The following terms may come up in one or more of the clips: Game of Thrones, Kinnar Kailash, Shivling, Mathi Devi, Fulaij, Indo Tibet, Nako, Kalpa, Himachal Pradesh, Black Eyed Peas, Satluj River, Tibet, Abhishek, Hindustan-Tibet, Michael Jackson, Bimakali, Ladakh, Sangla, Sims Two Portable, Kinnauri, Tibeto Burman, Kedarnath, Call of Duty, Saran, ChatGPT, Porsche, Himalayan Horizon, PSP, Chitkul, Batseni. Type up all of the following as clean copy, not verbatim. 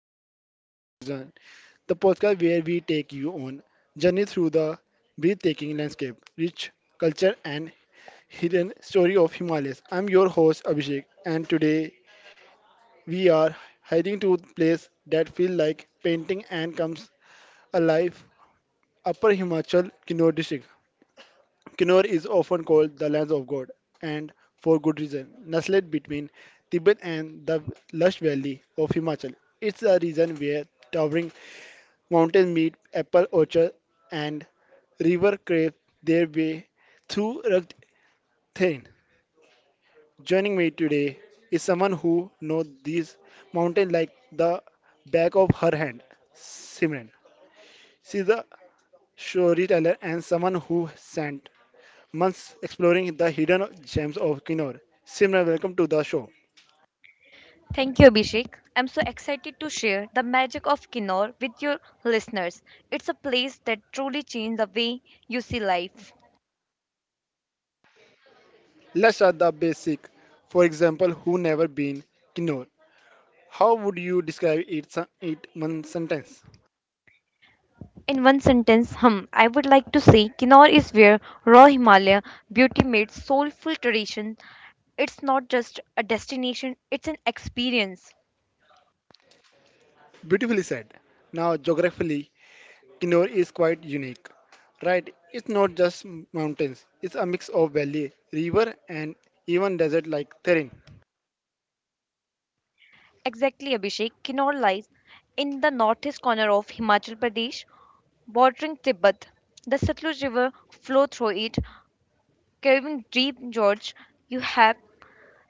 podcast, Himalayan Horizon, the podcast where we take you on journey through the breathtaking landscape, rich culture, and hidden story of Himalayas. I'm your host Abhishek, and today we are heading to a place that feels like painting and comes alive. Upper Himachal Kinnaur district. Kinnaur is often called the lands of God, and for good reason. Nestled between Tibet and the lush valley of Himachal, it's a region where towering mountain meat, apple orchard, and river crave their way through rugged terrain. Joining me today is someone who knows these mountains like the back of her hand, Simran. She's a storyteller and someone who spent months exploring the hidden gems of Kinnaur. Simran, welcome to the show. Thank you, Abhishek. I'm so excited to share the magic of Kinnaur with your listeners. It's a place that truly changed the way you see life. Let's start the basic. For example, who never been Kinnaur? How would you describe it one sentence? In one sentence, I would like to say Kinnaur is where raw Himalaya beauty meets soulful tradition. It's not just a destination, it's an experience. Beautifully said. Now, geographically, Kinnaur is quite unique, right? It's not just mountains, it's a mix of valley, river, and even desert like terrain. Exactly, Abhishek. Kinnaur lies in the northeast corner of Himachal Pradesh, bordering Tibet. The Satluj River flows through it, carving deep gorge. You have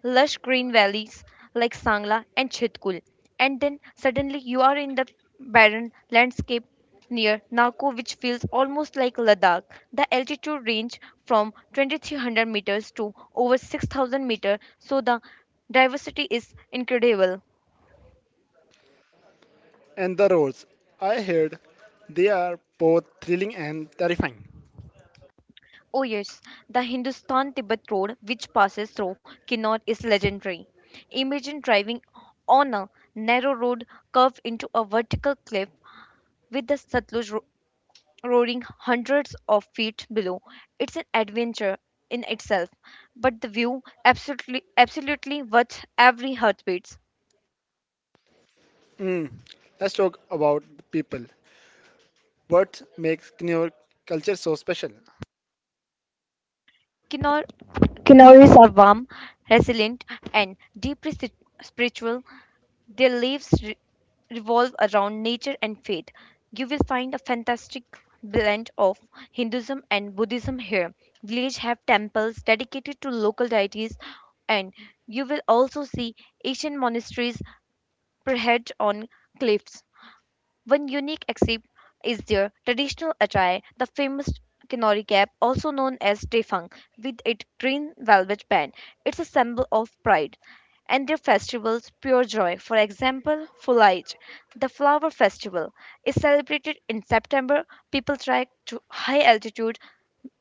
lush green valleys like Sangla and Chitkul. And then suddenly you are in the barren landscape near Nako, which feels almost like Ladakh. The altitude range from 2300 meters to over 6000 meters, so the diversity is incredible. And the roads, I heard they are both thrilling and terrifying. Oh yes, the Hindustan-Tibet road which passes through Kinnaur is legendary. Imagine driving on a narrow road curved into a vertical cliff with the Satluj roaring hundreds of feet below. It's an adventure in itself, but the view absolutely worth every heartbeat. Mm. Let's talk about the people. What makes Kinnaur culture so special? Kinnaur Kinnaris are warm, resilient, and deeply spiritual. Their lives revolve around nature and faith. You will find a fantastic blend of Hinduism and Buddhism here. Villages have temples dedicated to local deities, and you will also see Asian monasteries perched on cliffs. One unique except is their traditional attire, the famous kinori cap, also known as tefang, with its green velvet band. It's a symbol of pride. And their festivals, pure joy. For example, Fulaij, the flower festival, is celebrated in September. People trek to high altitude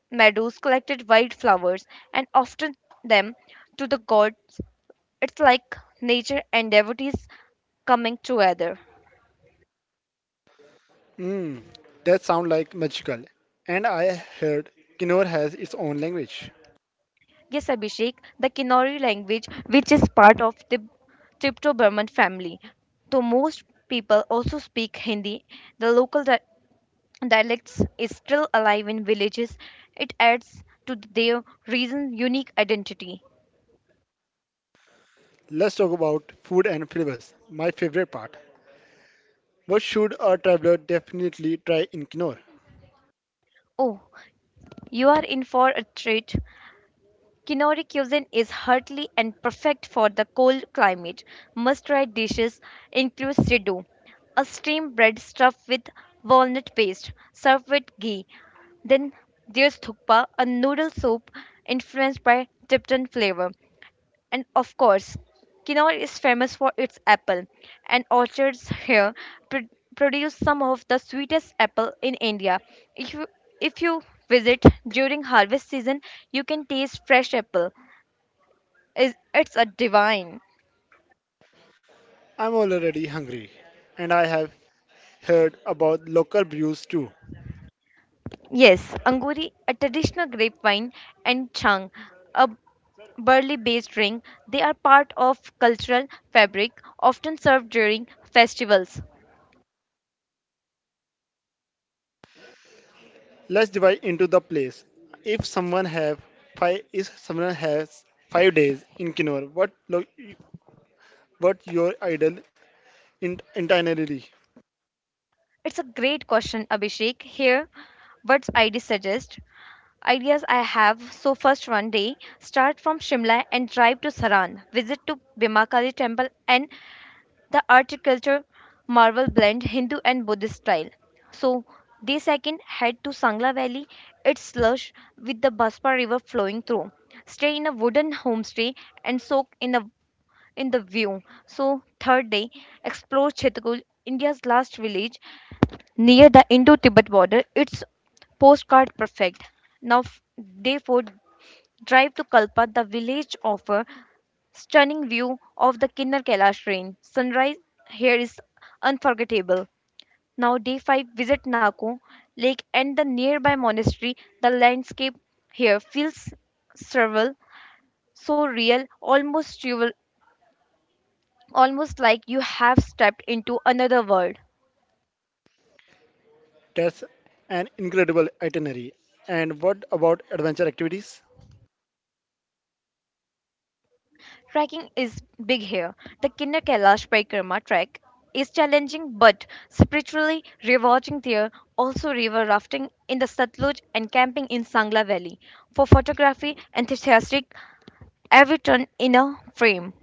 meadows collected wild flowers and often them to the god, it's like nature and devotees coming together. Mm. That sounds like magical. And I heard Kinnaur has its own language. Yes, Abhishek, the Kinnauri language, which is part of the tibeto Burman family. Though most people also speak Hindi, the local dialects is still alive in villages. It adds to their region's unique identity. Let's talk about food and flavors, my favorite part. What should a traveler definitely try in Knorr? Oh, you are in for a treat. Kinori cuisine is hearty and perfect for the cold climate. Must-try dishes include siddu, a steamed bread stuffed with walnut paste, served with ghee. Then there's thukpa, a noodle soup influenced by Tibetan flavor. And of course, Kinnaur is famous for its apple, and orchards here pr- produce some of the sweetest apple in India. If you if you visit during harvest season, you can taste fresh apple is it's a divine. I'm already hungry, and I have heard about local brews too. Yes, Anguri, a traditional grapevine, and Chang, a barley-based drink, they are part of cultural fabric, often served during festivals. Let's dive into the place. If someone have if someone has 5 days in Knorr, what your ideal itinerary? It's a great question, Abhishek. Here, what I suggest ideas I have. So first one day, start from Shimla and drive to Saran. Visit to Bimakali temple and the architecture marvel blend Hindu and Buddhist style. So they second head to Sangla Valley, its slush with the Baspa River flowing through. Stay in a wooden homestay and soak in the view. So third day, explore Chitakul, India's last village near the Indo-Tibet border. It's postcard perfect. Now day four, drive to Kalpa, the village offer stunning view of the Kinnar Kailash range. Sunrise here is unforgettable. Now, day 5, visit Nako Lake and the nearby monastery. The landscape here feels surreal, so real, almost like you have stepped into another world. That's an incredible itinerary. And what about adventure activities? Trekking is big here. The Kinder Kailash Parikrama trek is challenging but spiritually rewarding. There also river rafting in the Satluj and camping in Sangla Valley. For photography enthusiastic, every turn in a frame.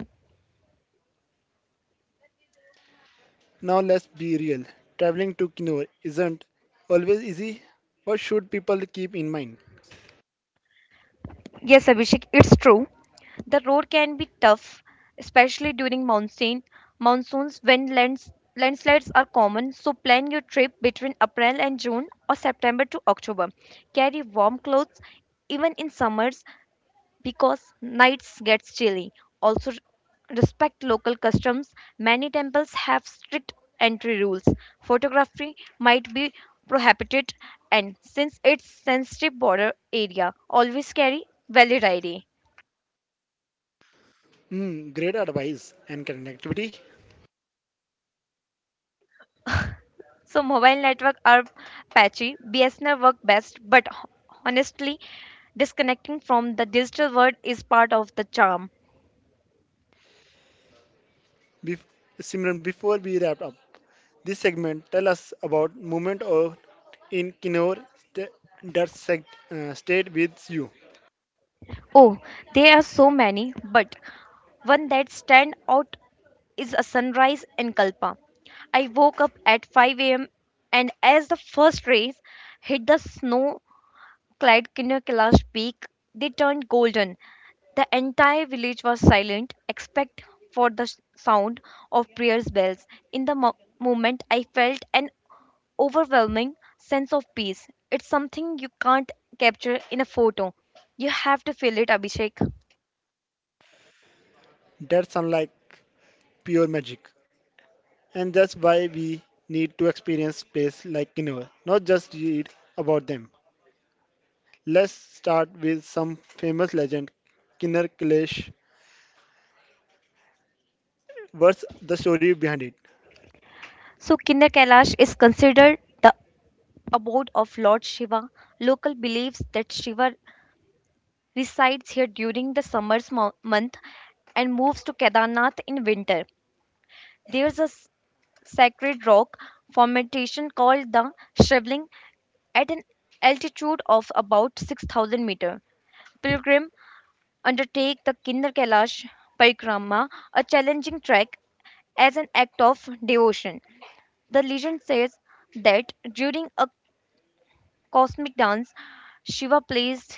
Now let's be real. Traveling to Knorr isn't always easy. What should people keep in mind? Yes, Abhishek, it's true. The road can be tough, especially during monsoons when landslides are common. So plan your trip between April and June or September to October. Carry warm clothes even in summers because nights gets chilly. Also, respect local customs, many temples have strict entry rules, photography might be prohibited, and since it's sensitive border area, always carry valid id. Mm, great advice and connectivity. So mobile network are patchy, bsnl work best, but honestly disconnecting from the digital world is part of the charm. Bef- Simran, before we wrap up this segment, tell us about movement or in Kinnaur stayed with you. Oh, there are so many, but one that stand out is a sunrise in Kalpa. I woke up at 5 a.m. and as the first rays hit the snow-clad Kinnarkalash peak, they turned golden. The entire village was silent except for the sound of prayers bells. In the moment, I felt an overwhelming sense of peace. It's something you can't capture in a photo. You have to feel it, Abhishek. That's unlike pure magic, and that's why we need to experience places like Kinnaur, not just read about them. Let's start with some famous legend, Kinnar Kailash. What's the story behind it? So Kinder Kailash is considered the abode of Lord Shiva. Local believes that Shiva resides here during the summer month and moves to Kedarnath in winter. There is a sacred rock formation called the Shivling at an altitude of about 6000 meter. Pilgrim undertake the Kinder Kailash Parikrama, a challenging trek as an act of devotion. The legend says that during a cosmic dance, Shiva placed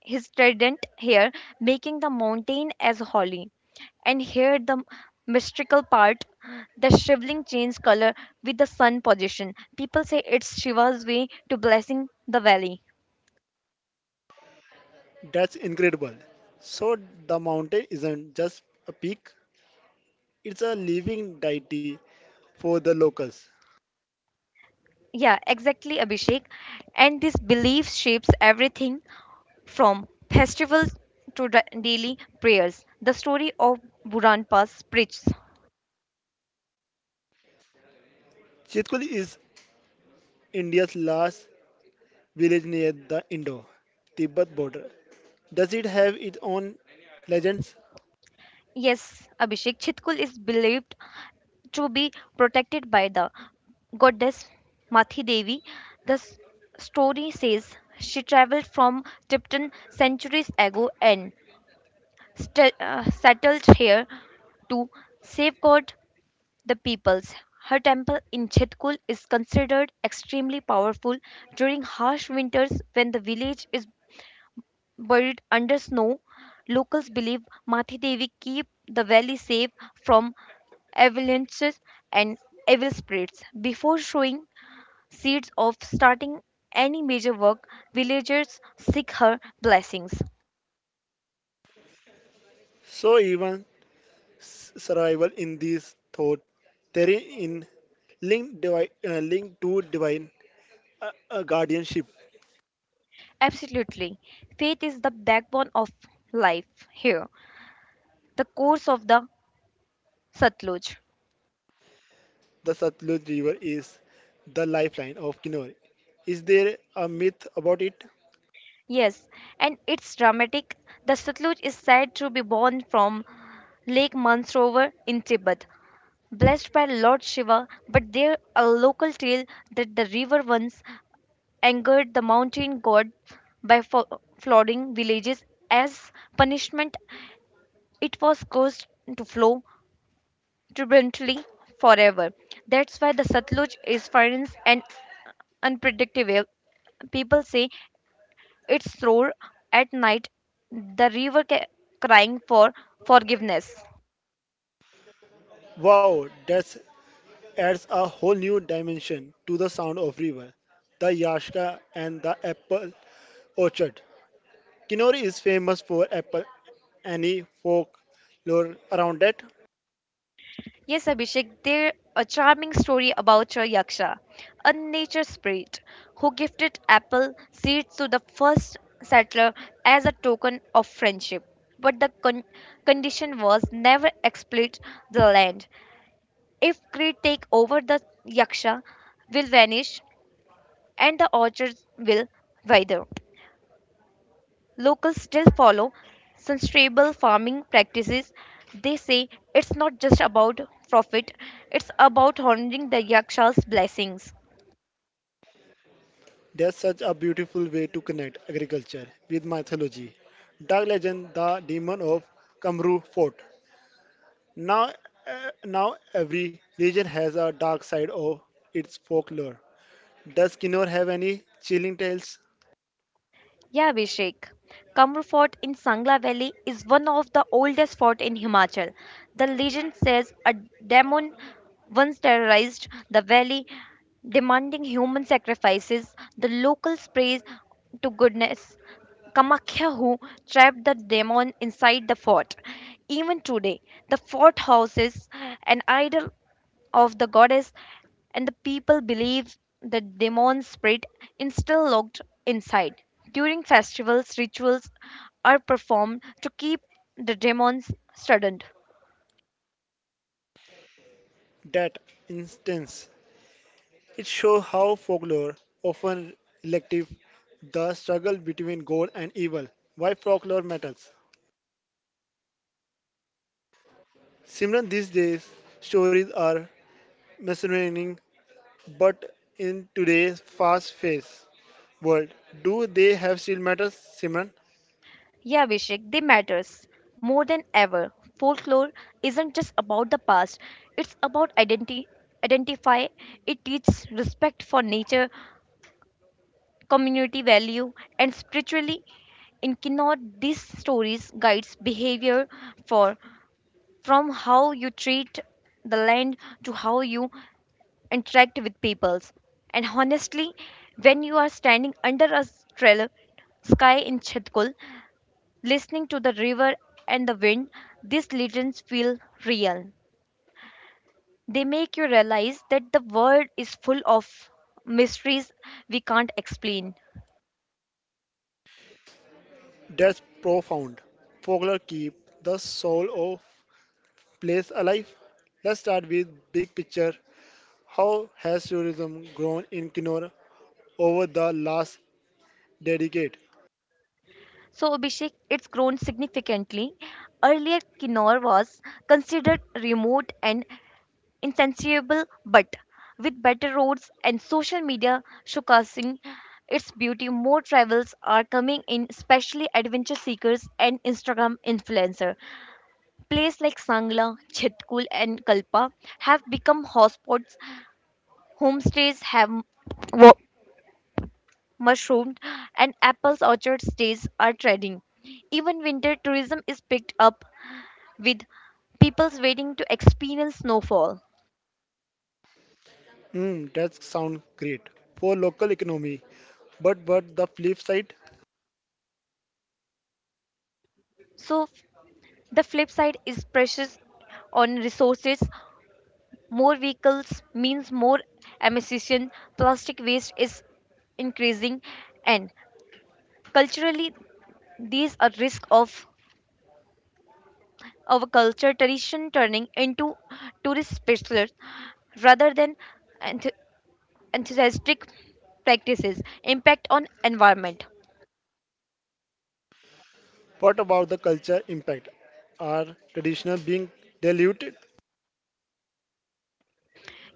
his trident here, making the mountain as holy. And here the mystical part, the shriveling change color with the sun position. People say it's Shiva's way to blessing the valley. That's incredible. So the mountain isn't just a peak, it's a living deity for the locals. Yeah, exactly, Abhishek. And this belief shapes everything from festivals to daily prayers. The story of Buran Pass preaches. Chitkul is India's last village near the Indo Tibet border. Does it have its own legends? Yes, Abhishek, Chitkul is believed to be protected by the goddess Mathi Devi. The story says she traveled from Tipton centuries ago and settled here to safeguard the peoples. Her temple in Chitkul is considered extremely powerful during harsh winters when the village is buried under snow, locals believe Mati Devi keep the valley safe from avalanches and evil spirits. Before showing seeds of starting any major work, villagers seek her blessings. So, even survival in this thought, therein in linked, linked to divine guardianship. Absolutely. Faith is the backbone of life here, the course of the Satluj. The Satluj River is the lifeline of Kinnaur. Is there a myth about it? Yes, and it's dramatic. The Satluj is said to be born from Lake Mansarovar in Tibet, blessed by Lord Shiva, but there a local tale that the river once angered the mountain god by flooding villages as punishment. It was caused to flow turbulently forever. That's why the Satluj is fierce and unpredictable. People say it's roar at night, the river crying for forgiveness. Wow, that's adds a whole new dimension to the sound of river, the Yashka and the apple orchard. Kinori is famous for apple any folklore around it. Yes, Abhishek, there a charming story about a yaksha, a nature spirit, who gifted apple seeds to the first settler as a token of friendship. But the condition was never exploit the land. If greed take over, the yaksha will vanish and the orchards will wither. Locals still follow sustainable farming practices. They say it's not just about profit, it's about honoring the Yaksha's blessings. There's such a beautiful way to connect agriculture with mythology. Dark legend, the demon of Kamru Fort. Now, uh, now every region has a dark side of its folklore. Does Kinor have any chilling tales? Yeah, Abhishek. Kamru Fort in Sangla Valley is one of the oldest fort in Himachal. The legend says a demon once terrorized the valley, demanding human sacrifices. The locals praise to goodness Kamakhya who trapped the demon inside the fort. Even today, the fort houses an idol of the goddess, and the people believe the demon spirit is still locked inside. During festivals, rituals are performed to keep the demons stunned. That instance. It shows how folklore, often elective, the struggle between good and evil, why folklore matters. Simran, these days, stories are mesmerizing, but in today's fast-paced world, do they have still matters, Simran? Yeah, Vishik, they matters more than ever. Folklore isn't just about the past; it's about identity. Identify it teaches respect for nature, community value, and spiritually. In Kinnaur, these stories guides behavior for from how you treat the land to how you interact with peoples. And honestly, when you are standing under a stellar sky in Chitkul, listening to the river and the wind, these legends feel real. They make you realize that the world is full of mysteries we can't explain. That's profound. Folklore keep the soul of place alive. Let's start with big picture. How has tourism grown in Kinora over the last decade? So, Abhishek, it's grown significantly. Earlier, Kinnaur was considered remote and insensible, but with better roads and social media showcasing its beauty, more travels are coming in, especially adventure seekers and Instagram influencers. Places like Sangla, Chitkul, and Kalpa have become hotspots. Homestays have wo- mushroomed, and apples orchard stays are trending. Even winter tourism is picked up with people's waiting to experience snowfall. Mm, that sounds great for local economy. But the flip side, So the flip side is pressures on resources. More vehicles means more emission, plastic waste is increasing, and culturally, these are risk of our culture tradition turning into tourist specialists rather than enth- enthusiastic practices. Impact on environment. what about the culture impact? Are traditional being diluted?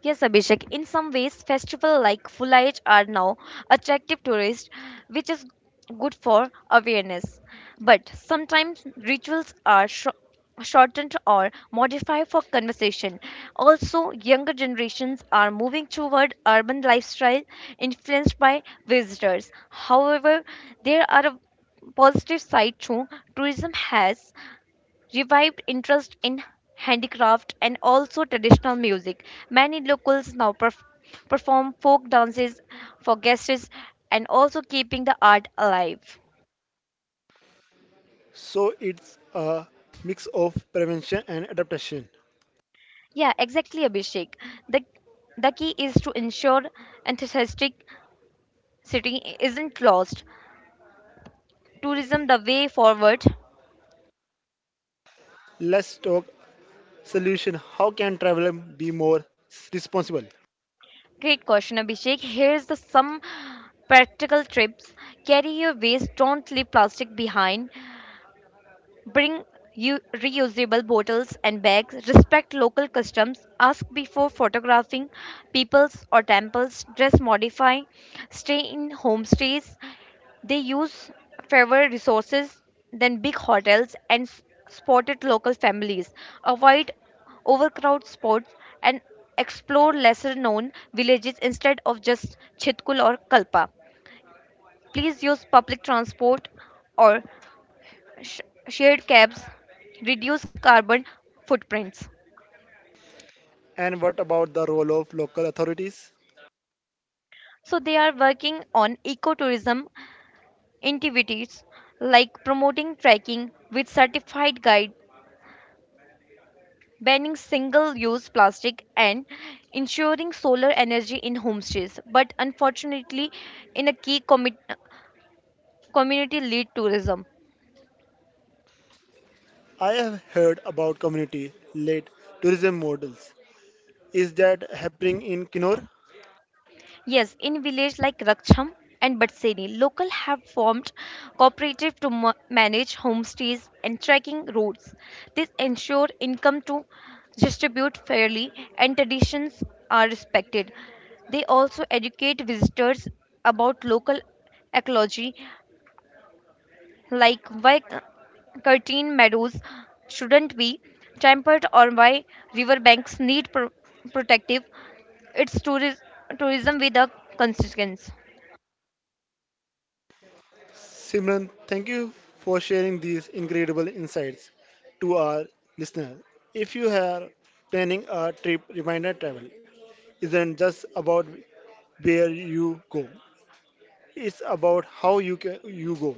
Yes, Abhishek, in some ways, festivals like Fulaj are now attractive tourists, which is good for awareness. But sometimes rituals are shortened or modified for conversation. Also, younger generations are moving toward urban lifestyle influenced by visitors. However, there are a positive side too. Tourism has revived interest in handicraft and also traditional music. Many locals now perform folk dances for guests and also keeping the art alive. So it's a mix of prevention and adaptation. Yeah, exactly, Abhishek. The, the key is to ensure enthusiastic city isn't lost. Tourism the way forward. Let's talk solution. How can travel be more responsible? Great question, Abhishek. Here's the some practical tips. Carry your waste. Don't leave plastic behind. Bring reusable bottles and bags, respect local customs, ask before photographing peoples or temples, dress modify, stay in homestays. They use fewer resources than big hotels and spotted local families. Avoid overcrowded spots and explore lesser known villages instead of just Chitkul or Kalpa. Please use public transport or sh- shared cabs, reduce carbon footprints. And what about the role of local authorities? So they are working on ecotourism activities like promoting trekking with certified guide, banning single-use plastic, and ensuring solar energy in homestays. But unfortunately, in a key community-led tourism, I have heard about community-led tourism models. Is that happening in Kinor? yes, in villages like Raksham and Batseni, local have formed cooperative to manage homestays and trekking routes. This ensure income to distribute fairly and traditions are respected. They also educate visitors about local ecology, like why curtain meadows shouldn't be tempered or why riverbanks need protective. It's tourism with a consequence. Simran, thank you for sharing these incredible insights to our listeners. If you are planning a trip, reminder travel isn't just about where you go, it's about how you, you go.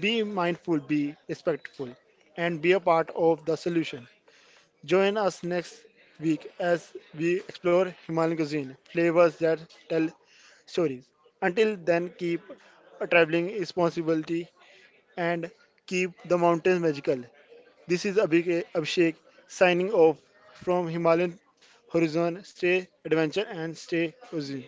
Be mindful, be respectful, and be a part of the solution. Join us next week as we explore Himalayan cuisine, flavors that tell stories. Until then, keep a traveling responsibility and keep the mountains magical. This is Abhishek signing off from Himalayan Horizon. Stay adventure and stay cozy.